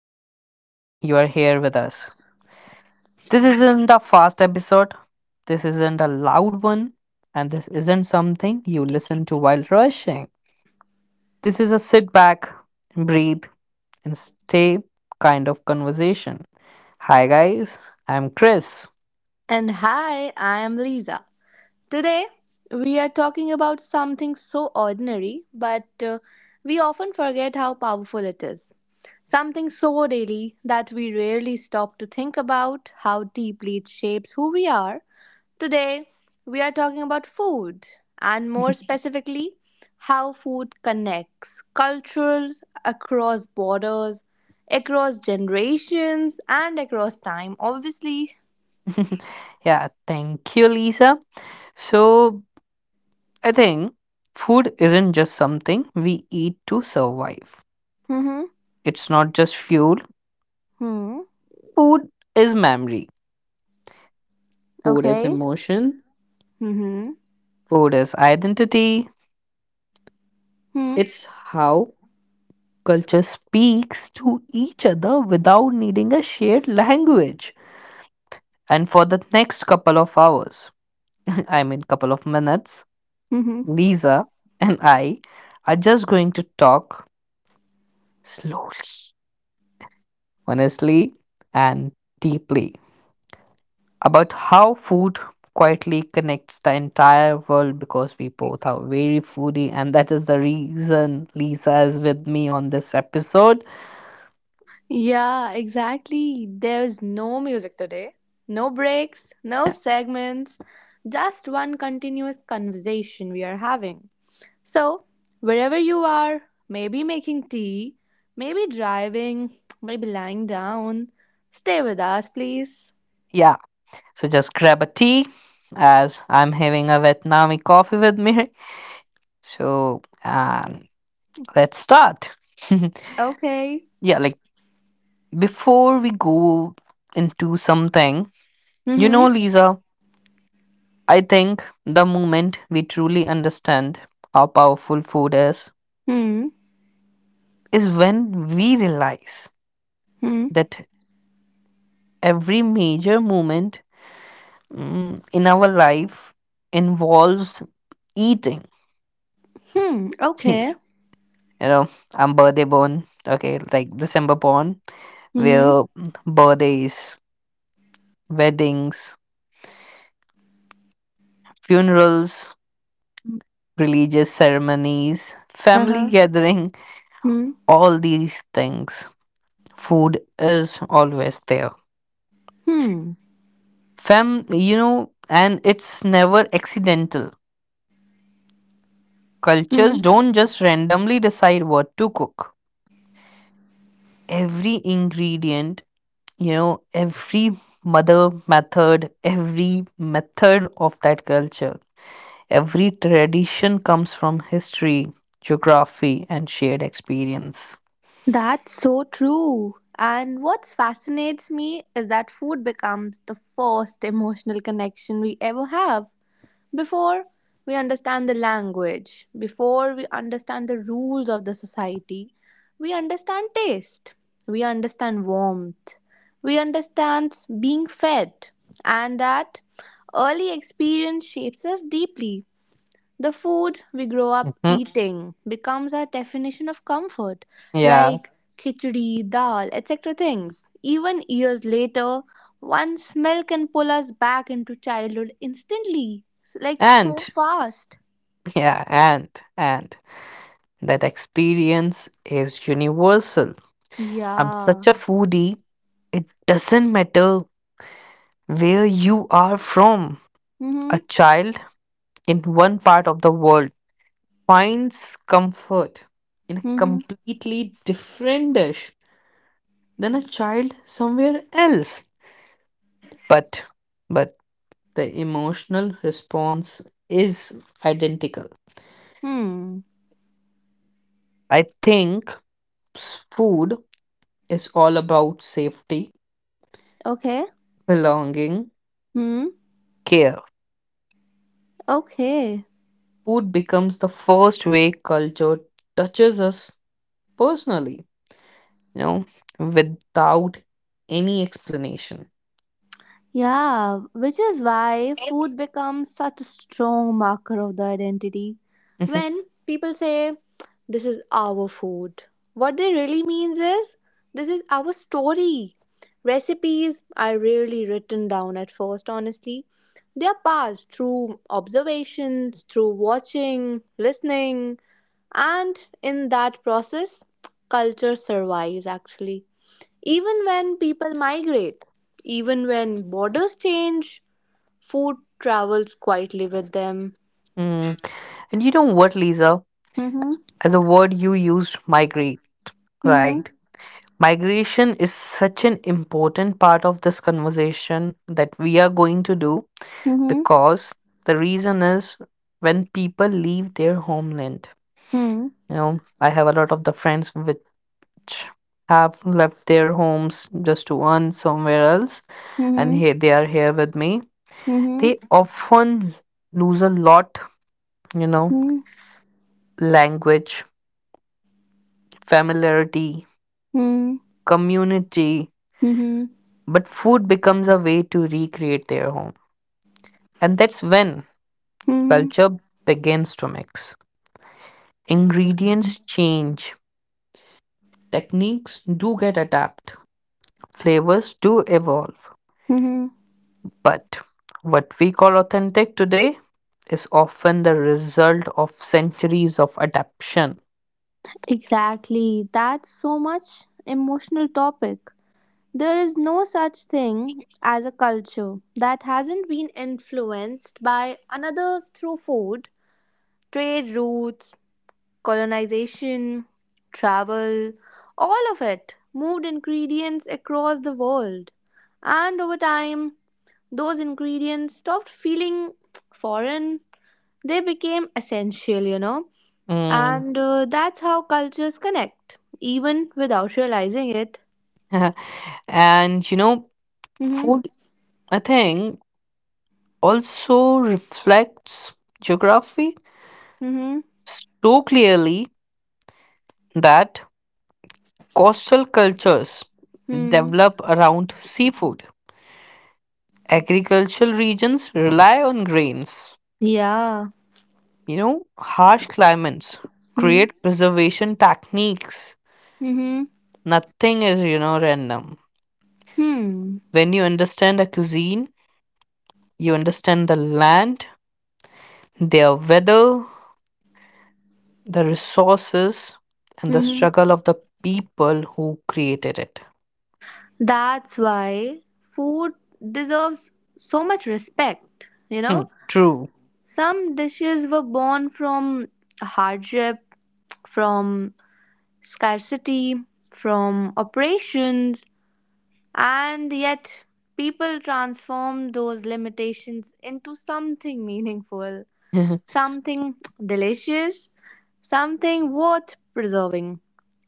are really glad you are here with us. This isn't a fast episode, this isn't a loud one, and this isn't something you listen to while rushing. This is a sit back, breathe, and stay kind of conversation. Hi, guys, I'm Chris. And hi, I am Lisa. Today, we are talking about something so ordinary, but we often forget how powerful it is. Something so daily that we rarely stop to think about how deeply it shapes who we are. Today, we are talking about food, and more specifically, how food connects cultures across borders, across generations, and across time. Obviously. Yeah, thank you, Lisa. So, I think food isn't just something we eat to survive. Mm-hmm. It's not just fuel. Hmm. Food is memory. Food is Okay. emotion. Mm-hmm. Food is identity. Hmm. It's how culture speaks to each other without needing a shared language. And for the next couple of hours, I mean, couple of minutes, Mm-hmm. Lisa and I are just going to talk slowly, honestly, and deeply about how food quietly connects the entire world because we both are very foodie and that is the reason Lisa is with me on this episode. Yeah, exactly. There's no music today. No breaks, no segments, just one continuous conversation we are having. So, wherever you are, maybe making tea, maybe driving, maybe lying down, stay with us, please. Yeah, so just grab a tea as I'm having a Vietnamese coffee with me. So let's start. Okay. Yeah, like before we go into something, you Mm-hmm. know, Lisa, I think the moment we truly understand how powerful food Hmm. is when we realize Hmm. that every major moment in our life involves eating. Hmm. You Okay. know, I'm birthday born, okay, like December born, Mm-hmm. where birthdays, weddings, funerals, religious ceremonies, family Uh-huh. gathering, Hmm. all these things. Food is always there. Fam, you know, and it's never accidental, Hmm. cultures don't just randomly decide what to cook. Every ingredient, you know, every mother method, every method of that culture, every tradition comes from history, geography, and shared experience. That's so true. And what fascinates me is that food becomes the first emotional connection we ever have before we understand the language, before we understand the rules of the society. We understand taste, we understand warmth, we understand being fed, and that early experience shapes us deeply. The food we grow up Mhm. eating becomes our definition of comfort, Yeah. like khichdi, dal, etc. things. Even years later, one smell can pull us back into childhood instantly, like And, so fast. yeah, and, and that experience is universal. I'm such Yeah. a foodie, it doesn't matter where you are from. A Mm-hmm. child in one part of the world finds comfort in a Mm-hmm. completely different dish than a child somewhere else. But but the emotional response is identical. Hmm. I think food is all about safety, Okay. belonging, Hmm. care. Okay. Food becomes the first way culture touches us personally, you know, without any explanation. Yeah, which is why food becomes such a strong marker of the identity. Mm-hmm. When people say, "This is our food," what they really means is, "This is our story." Recipes are rarely written down at first, honestly. They are passed through observations, through watching, listening, and in that process, culture survives actually. Even when people migrate, even when borders change, food travels quietly with them. Mm. And you know what, Lisa? Mhm, And the word you used, migrate, mhm, right? Migration is such an important part of this conversation that we are going to do mhm, because the reason is when people leave their homeland. mhm, You know, I have a lot of the friends which have left their homes just to earn somewhere else, and mhm, here they are here with me. mhm, They often lose a lot, you know, mhm, language, familiarity, mhm, community, mhm, but food becomes a way to recreate their home. And that's when mhm, culture begins to mix. Ingredients change, techniques do get adapted, flavors do evolve. mhm. But what we call authentic today is often the result of centuries of adaptation. Exactly. That's so much emotional topic. There is no such thing as a culture that hasn't been influenced by another through food, trade routes, colonization, travel, all of it moved ingredients across the world. And over time, those ingredients stopped feeling foreign, they became essential, you know. Mm. And that's how cultures connect, even without realizing it. And you know, Mm-hmm. food, I think, also reflects geography Mm-hmm. so clearly that coastal cultures Hmm. develop around seafood. Agricultural regions rely on grains. Yeah. You know, harsh climates Hmm. create preservation techniques. Mm-hmm. Nothing is, you know, random. Hmm. When you understand a cuisine, you understand the land, their weather, the resources, and the Mm-hmm. struggle of the people who created it. That's why food deserves so much respect, you Hmm, know? true. Some dishes were born from hardship, from scarcity, from operations, and yet people transformed those limitations into something meaningful, something delicious, something worth preserving.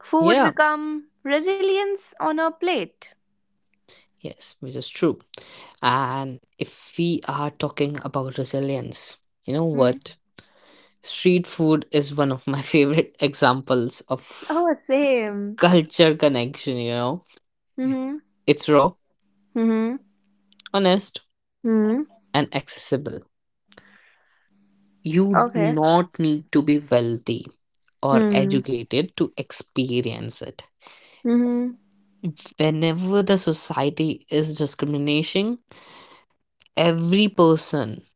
Food Yeah. become resilience on a plate. Yes, which is true. And if we are talking about resilience, you know Mhm. what? Street food is one of my favorite examples of Oh, same. culture connection, you know. Mm-hmm. It's raw, Mm-hmm. honest, Mm-hmm. and accessible. You do Okay. not need to be wealthy or Hmm. educated to experience it. Mm-hmm. Whenever the society is discriminating, every person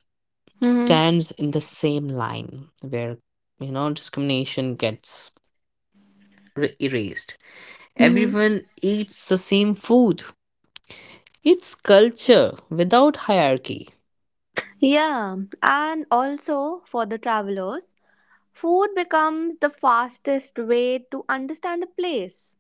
Mm-hmm. stands in the same line where you know discrimination gets erased, Mm-hmm. everyone eats the same food, it's culture without hierarchy. Yeah, and also for the travelers, food becomes the fastest way to understand a place.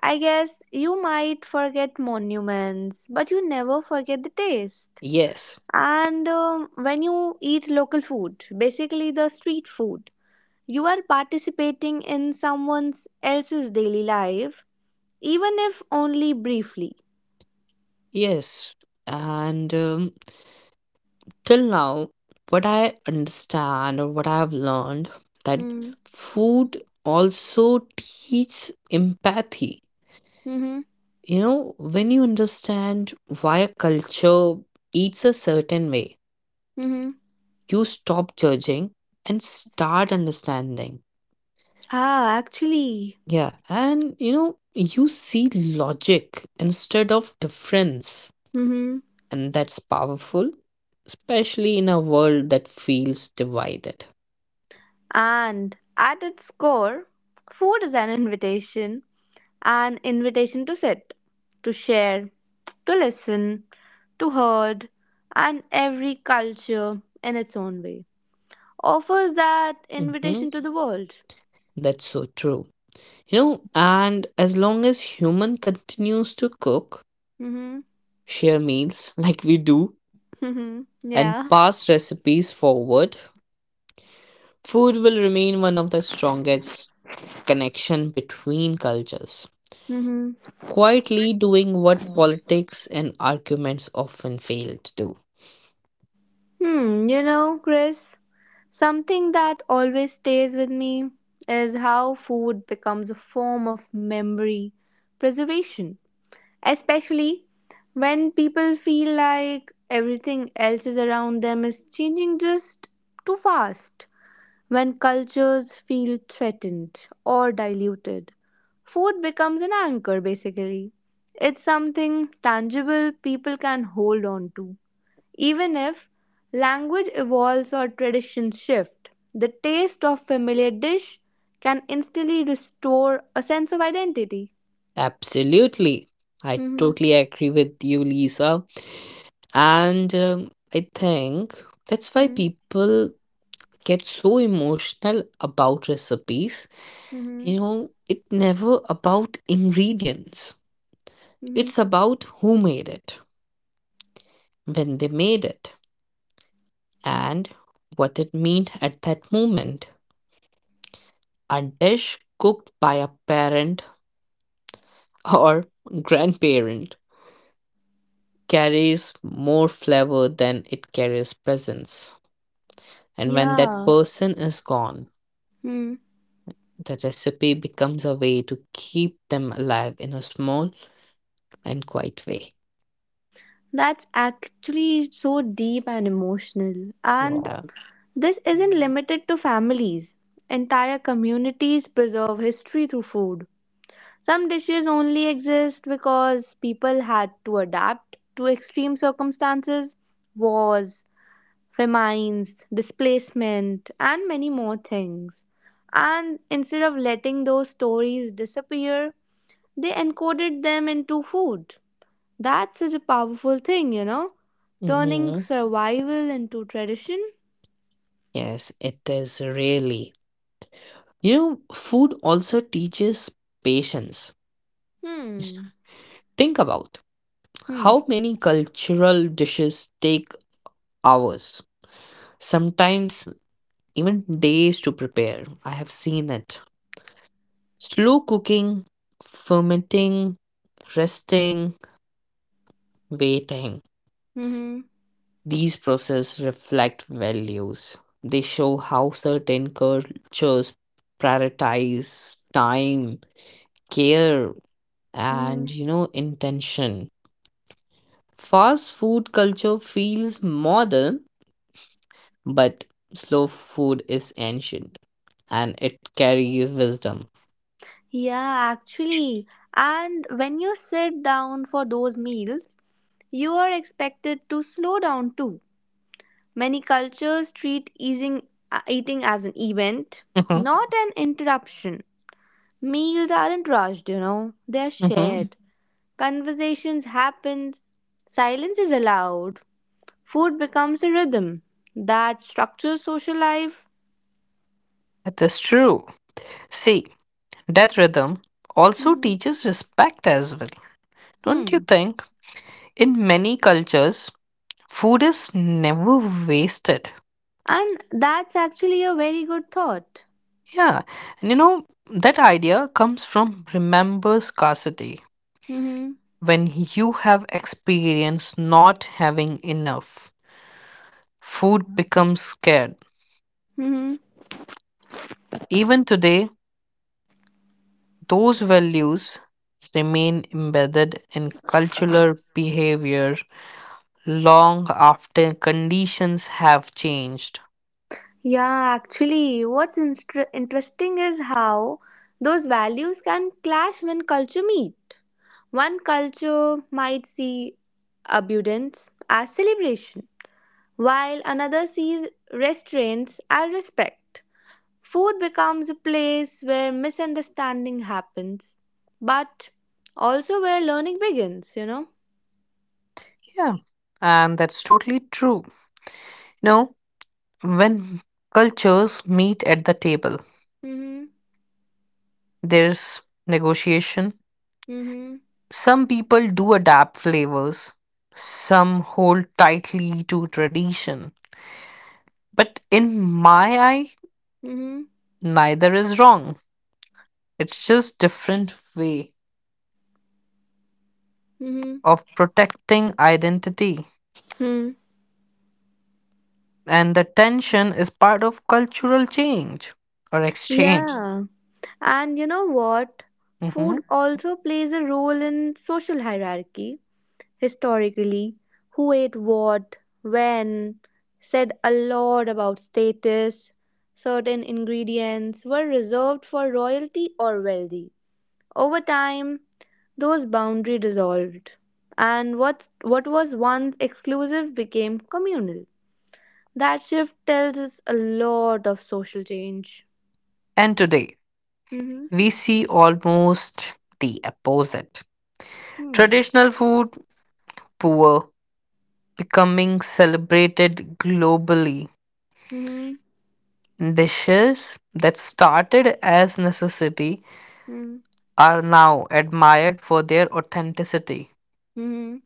I guess you might forget monuments, but you never forget the taste. Yes. And when you eat local food, basically the street food, you are participating in someone else's daily life, even if only briefly. Yes, and till now what I understand or what I have learned that Mm. food also teaches empathy, Mm-hmm. you know, when you understand why a culture eats a certain way Mm-hmm. you stop judging and start understanding. Ah, actually. Yeah, and you know, you see logic instead of difference, Mm-hmm. and that's powerful, especially in a world that feels divided. And at its core, food is an invitation, an invitation to sit, to share, to listen, to heard, and every culture in its own way offers that Hmm. invitation to the world. That's so true. You know, and as long as human continues to cook, Mm-hmm. share meals like we do, Mm-hmm. and Yeah. pass recipes forward, food will remain one of the strongest connection between cultures, Mm-hmm. quietly doing what politics and arguments often fail to do. Hmm. You know, Chris, something that always stays with me is how food becomes a form of memory preservation especially when people feel like everything else is around them is changing just too fast. When cultures feel threatened or diluted, food becomes an anchor basically. It's something tangible people can hold on to. Even if language evolves or traditions shift, the taste of familiar dish can instantly restore a sense of identity. Absolutely. I Mm-hmm. totally agree with you, Lisa. And I think that's why people get so emotional about recipes. Mm-hmm. Mm-hmm. You know, it's never about ingredients. It's about who made it, when they made it, and what it meant at that moment. A dish cooked by a parent or grandparent carries more flavor than it carries presence. And when that Yeah. person is gone, Hmm. the recipe becomes a way to keep them alive in a small and quiet way. That's actually so deep and emotional. And Yeah. this isn't limited to families. Entire communities preserve history through food. Some dishes only exist because people had to adapt to extreme circumstances, wars, famines, displacement, and many more things. And instead of letting those stories disappear, they encoded them into food. That's such a powerful thing, you know? Turning Hmm. survival into tradition? Yes, it is really. You know, food also teaches patience. Hmm. Think about Hmm. how many cultural dishes take hours, sometimes even days to prepare. I have seen it. Slow cooking, fermenting, resting, waiting. Hmm. These processes reflect values. They show how certain cultures prioritize time, care, Hmm. and you know, intention. Fast food culture feels modern, but slow food is ancient and it carries wisdom. Yeah, actually. And when you sit down for those meals, you are expected to slow down too. Many cultures treat eating as an event, Mm-hmm. not an interruption. Meals aren't rushed, you know, they are Mm-hmm. shared. Conversations happen, silence is allowed. Food becomes a rhythm that structures social life. That is true. See, death rhythm also Hmm. teaches respect as well. Don't you Hmm. think? In many cultures, food is never wasted. And that's actually a very good thought. Yeah, and you know, that idea comes from remember scarcity. Mm-hmm. When you have experienced not having enough, food becomes scarce. Mm-hmm. Even today, those values remain embedded in cultural behavior long after conditions have changed. Yeah, actually, what's instr interesting is how those values can clash when culture meet. One culture might see abundance as celebration, while another sees restraints as respect. Food becomes a place where misunderstanding happens, but also where learning begins, you know? Yeah, and that's totally true. You know, when cultures meet at the table, Mm-hmm. there's negotiation. Mm-hmm. Some people do adapt flavors, some hold tightly to tradition. But in my eye, Mm-hmm. neither is wrong. It's just different way Mm-hmm. of protecting identity. Hmm. And the tension is part of cultural change or exchange. Yeah. And you know what? Food Mhm. also plays a role in social hierarchy. Historically, who ate what, when, said a lot about status. Certain ingredients were reserved for royalty or wealthy. Over time, those boundary dissolved, and what was once exclusive became communal. That shift tells us a lot of social change. And today, Mm-hmm. we see almost the opposite. Hmm. Traditional food, poor, becoming celebrated globally. Mm-hmm. Dishes that started as necessity Hmm. are now admired for their authenticity. Mm-hmm.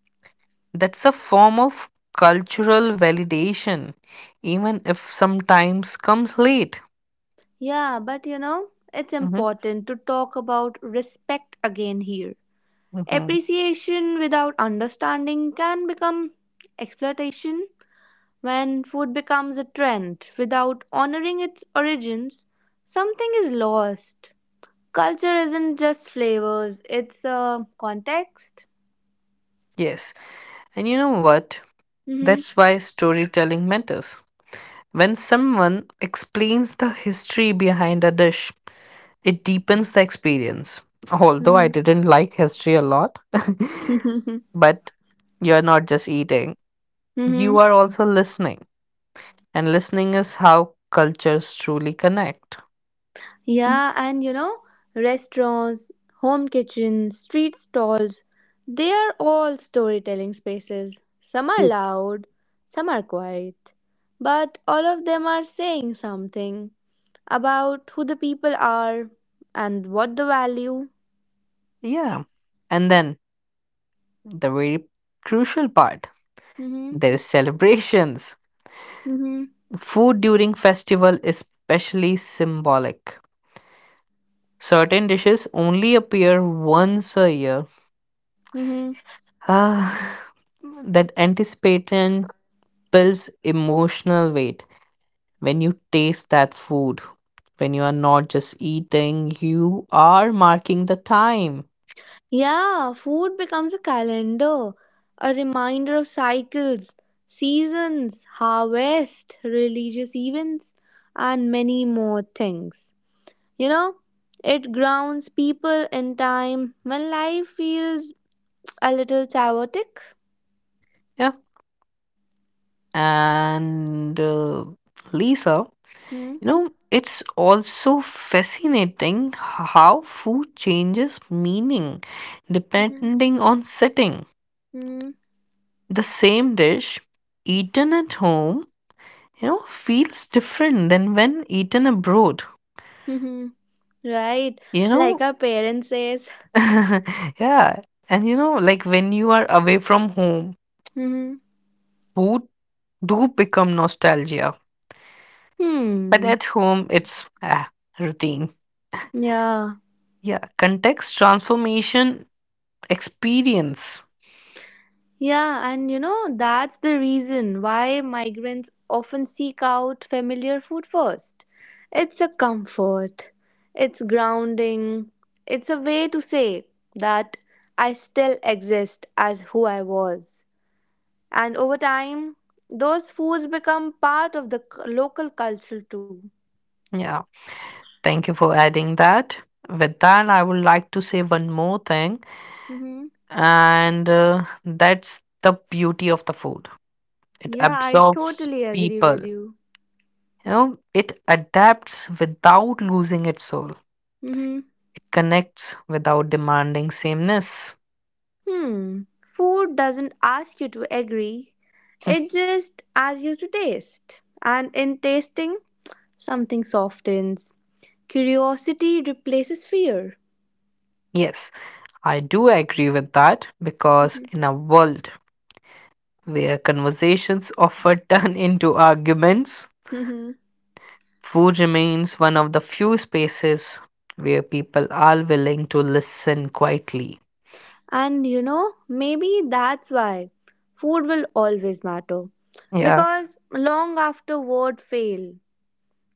That's a form of cultural validation, even if sometimes comes late. Yeah, but you know, it's Hmm. important to talk about respect again here. Hmm. Appreciation without understanding can become exploitation. When food becomes a trend without honoring its origins, something is lost. Culture isn't just flavors, it's a context. Yes. And you know what? Hmm. That's why storytelling matters. When someone explains the history behind a dish, it deepens the experience. Although I Hmm. didn't like history a lot, but you're not just eating, hmm. you are also listening. And listening is how cultures truly connect. Yeah, and you know, restaurants, home kitchens, street stalls, they are all storytelling spaces. Some are Mm. loud, some are quiet, but all of them are saying something about who the people are and what the value. Yeah. And then the very crucial part Hmm. there is celebrations. Hmm. Food during festival is especially symbolic. Certain dishes only appear once a year. Hmm. Ah, that anticipation builds emotional weight when you taste that food. When you are not just eating, you are marking the time. Yeah, food becomes a calendar, a reminder of cycles, seasons, harvest, religious events, and many more things. You know, it grounds people in time when life feels a little chaotic. Yeah. And Lisa, Hmm. you know, it's also fascinating how food changes meaning Mm-hmm. depending on setting. Hmm. The same dish eaten at home, you know, feels different than when eaten abroad. Hmm. Right, You like know, our parents says. yeah. And you know, like when you are away from home, Hmm. food do become nostalgia. But Hmm. at home, it's routine. Yeah. Yeah, context transformation experience. Yeah, and you know, that's the reason why migrants often seek out familiar food first. It's a comfort, it's grounding, it's a way to say that I still exist as who I was. And over time, those foods become part of the local culture too. Yeah. Thank you for adding that. With that, I would like to say one more thing, Hmm. and that's the beauty of the food. It Yeah, I absorbs totally agree people. with you. You know, it adapts without losing its soul. Hmm. It connects without demanding sameness. Hmm, food doesn't ask you to agree, Hmm, it just asks you to taste. And in tasting, something softens. Curiosity replaces fear. yes, I do agree with that because in a world where conversations often turn into arguments, Mhm. food remains one of the few spaces where people are willing to listen quietly. And you know, maybe that's why food will always matter. Yeah. Because long after word fail,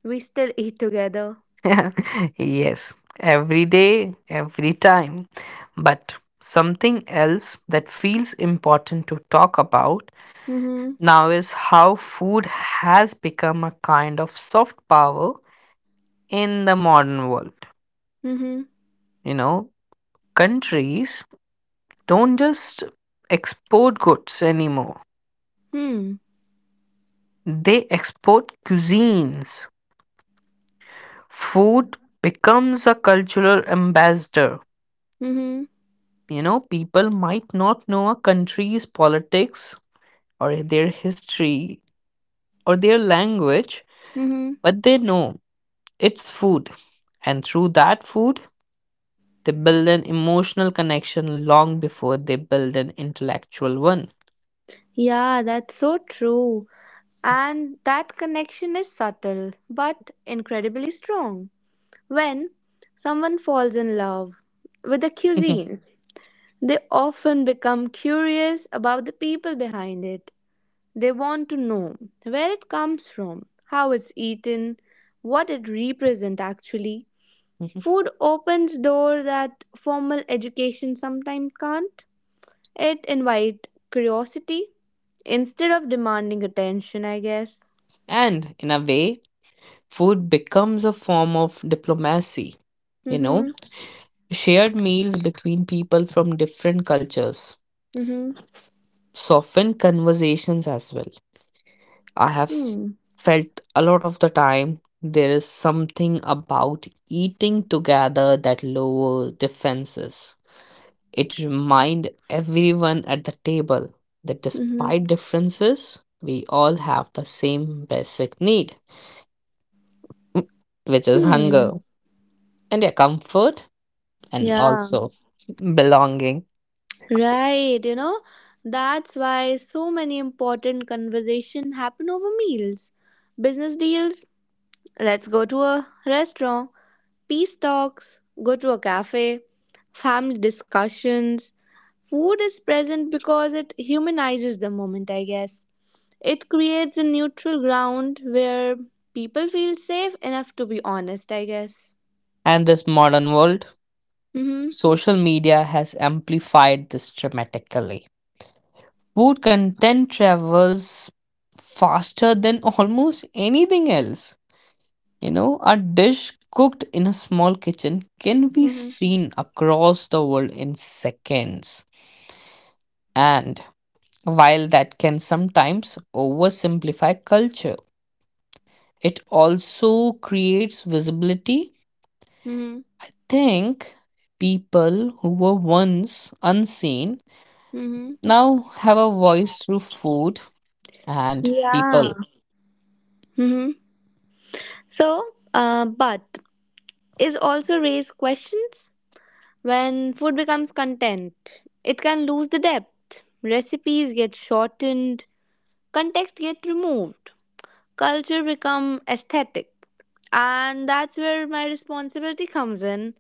we still eat together. Yes. Every day, every time. But something else that feels important to talk about Mm-hmm. now is how food has become a kind of soft power in the modern world. Mm-hmm. You know, countries don't just export goods anymore, Hmm. they export cuisines. Food becomes a cultural ambassador. Mm-hmm. You know, people might not know a country's politics or their history or their language, Mm-hmm. but they know it's food. And through that food, they build an emotional connection long before they build an intellectual one. Yeah, that's so true. And that connection is subtle but incredibly strong. When someone falls in love with a Mhm, cuisine, they often become curious about the people behind it. They want to know where it comes from, how it's eaten, what it represents actually. mhm. Food opens doors that formal education sometimes can't. It invites curiosity instead of demanding attention, I guess. And in a way, food becomes a form of diplomacy, you know, Mm-hmm. shared meals between people from different cultures Mm-hmm. soften conversations as well. I have Hmm. felt a lot of the time there is something about eating together that lower defenses. It remind everyone at the table that Mm-hmm. despite differences, we all have the same basic need, which is Hmm. hunger and yeah, comfort and Yeah. also belonging. Right. You know, that's why so many important conversation happen over meals. Business deals. Let's go to a restaurant. Peace talks. Go to a cafe. Family discussions. Food is present because it humanizes the moment, I guess. It creates a neutral ground where people feel safe enough to be honest, I guess. And this modern world, Mm-hmm. social media has amplified this dramatically. Food content travels faster than almost anything else. You know, a dish cooked in a small kitchen can be Mm-hmm. seen across the world in seconds. And while that can sometimes oversimplify culture, it also creates visibility. Mm-hmm. Think people who were once unseen Mm-hmm. now have a voice through food and Yeah. people. Hmm. So, but is also raise questions when food becomes content. It can lose the depth. Recipes get shortened. Context get removed. Culture become aesthetic, and that's where my responsibility comes in.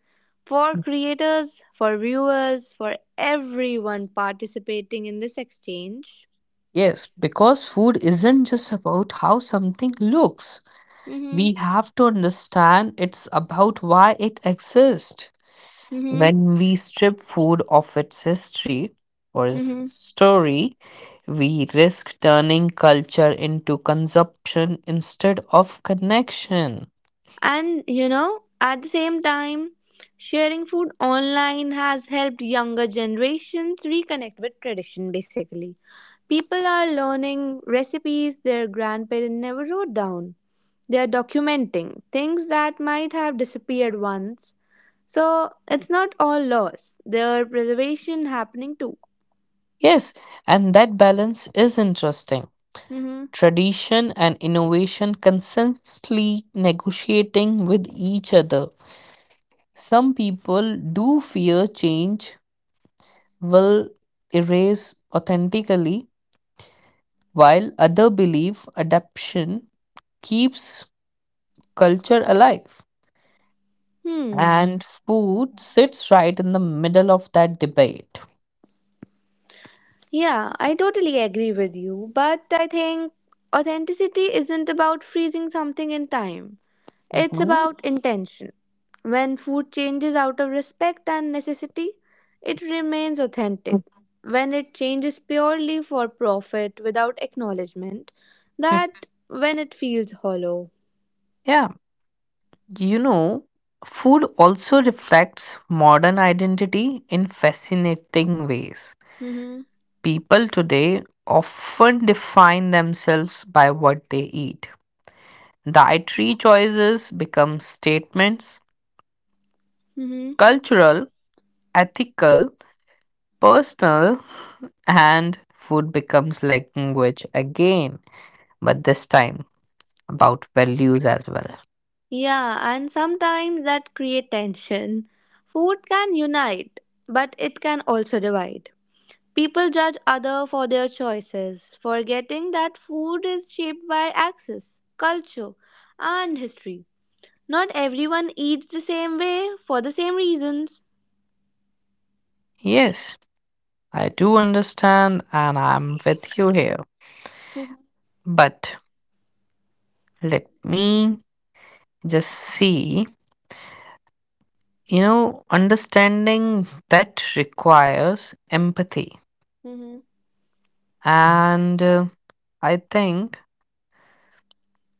For creators, for viewers, for everyone participating in this exchange. Yes, because food isn't just about how something looks. Mm-hmm. We have to understand it's about why it exists. Mm-hmm. When we strip food of its history or its Mm-hmm. story, we risk turning culture into consumption instead of connection. And you know, at the same time, sharing food online has helped younger generations reconnect with tradition basically. People are learning recipes their grandparents never wrote down. They are documenting things that might have disappeared once. So it's not all loss. There are preservation happening too. Yes, and that balance is interesting. Hmm. Tradition and innovation consistently negotiating with each other. Some people do fear change will erase authentically, while others believe adaptation keeps culture alive. Hmm. And food sits right in the middle of that debate. Yeah, I totally agree with you. But I think authenticity isn't about freezing something in time. It's Mhm. about intention. When food changes out of respect and necessity, it remains authentic. When it changes purely for profit without acknowledgement, that when it feels hollow. Yeah, you know, food also reflects modern identity in fascinating ways. Hmm. People today often define themselves by what they eat, dietary choices become statements. Hmm. Cultural, ethical, personal, and food becomes language again, but this time about values as well. Yeah, and sometimes that create tension. Food can unite, but it can also divide. People judge other for their choices, forgetting that food is shaped by access, culture, and history. Not everyone eats the same way for the same reasons. Yes, I do understand, and I'm with you here. Mm-hmm. But let me just see. You know, understanding that requires empathy. Mm-hmm. And I think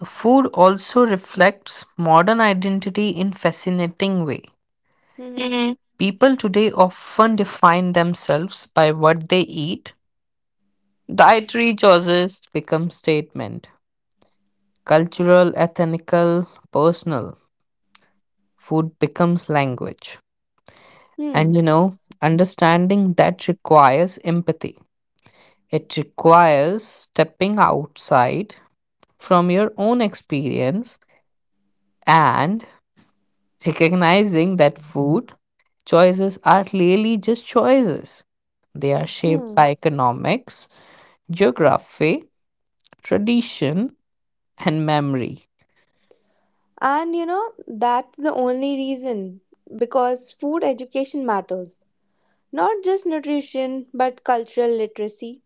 food also reflects modern identity in fascinating way. People today often define themselves by what they eat. Dietary choices become statement. Cultural, ethnical, personal. Food becomes language. And Hmm. you know, understanding that requires empathy. It requires stepping outside from your own experience and recognizing that food choices are clearly just choices. They are shaped Hmm. by economics, geography, tradition, and memory. And you know, that's the only reason because food education matters. Not just nutrition, but cultural literacy.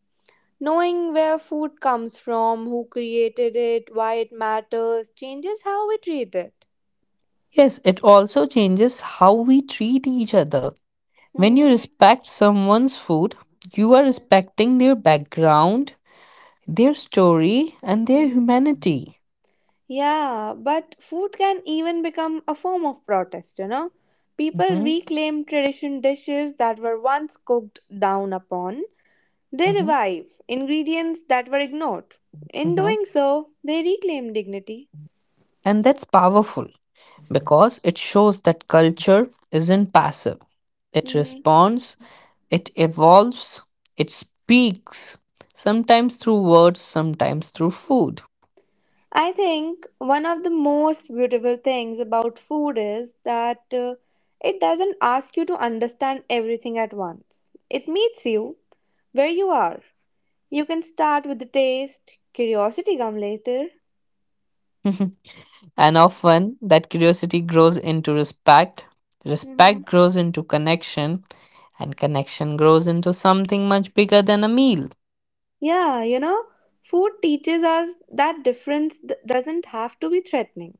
Knowing where food comes from, who created it, why it matters, changes how we treat it. Yes, it also changes how we treat each other. When you Mm-hmm. respect someone's food, you are respecting their background, their story, and their humanity. Yeah, but food can even become a form of protest, you know. People Hmm. reclaim tradition dishes that were once cooked down upon. They Hmm. revive ingredients that were ignored. In Hmm. doing so, they reclaim dignity. And that's powerful, because it shows that culture isn't passive. It Mhm. responds, it evolves, it speaks, sometimes through words, sometimes through food. I think one of the most beautiful things about food is that it doesn't ask you to understand everything at once. It meets you where you are. You can start with the taste, curiosity come later. And often that curiosity grows into respect, Hmm. respect grows into connection, and connection grows into something much bigger than a meal. Yeah, you know, food teaches us that difference doesn't have to be threatening.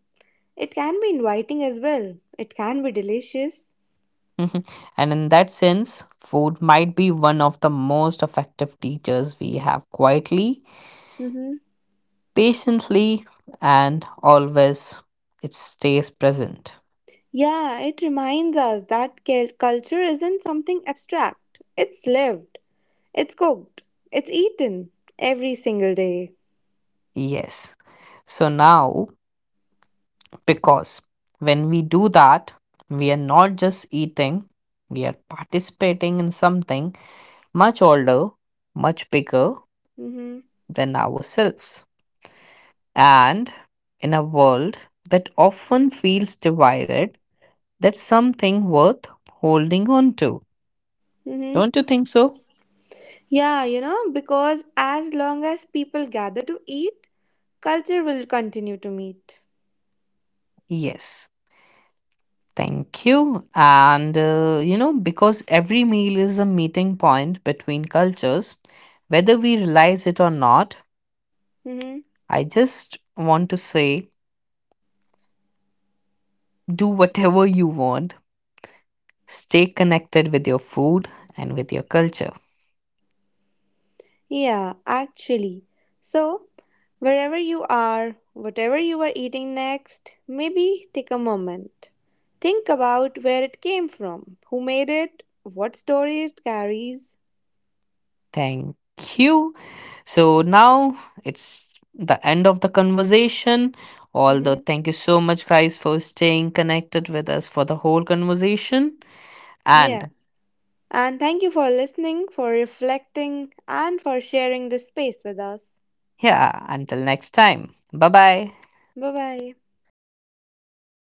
It can be inviting as well. It can be delicious. Mhm. And in that sense, food might be one of the most effective teachers we have quietly, Hmm. patiently, and always it stays present. Yeah, it reminds us that culture isn't something abstract. It's lived, it's cooked, it's eaten every single day. Yes. So now, because when we do that, we are not just eating, we are participating in something much older, much bigger Hmm. than ourselves. And in a world that often feels divided, that's something worth holding on to. Hmm. Don't you think so? Yeah, you know, because as long as people gather to eat, culture will continue to meet. Yes. Thank you. And, you know, because every meal is a meeting point between cultures, whether we realize it or not, Hmm. I just want to say do whatever you want. Stay connected with your food and with your culture. Yeah, actually. So, wherever you are, whatever you are eating next, maybe take a moment. Think about where it came from, who made it, what story it carries. Thank you. So now it's the end of the conversation. Although, Mhm. thank you so much, guys, for staying connected with us for the whole conversation. Yeah. And And thank you for listening, for reflecting, and for sharing this space with us. yeah, until next time. Bye bye. Bye bye.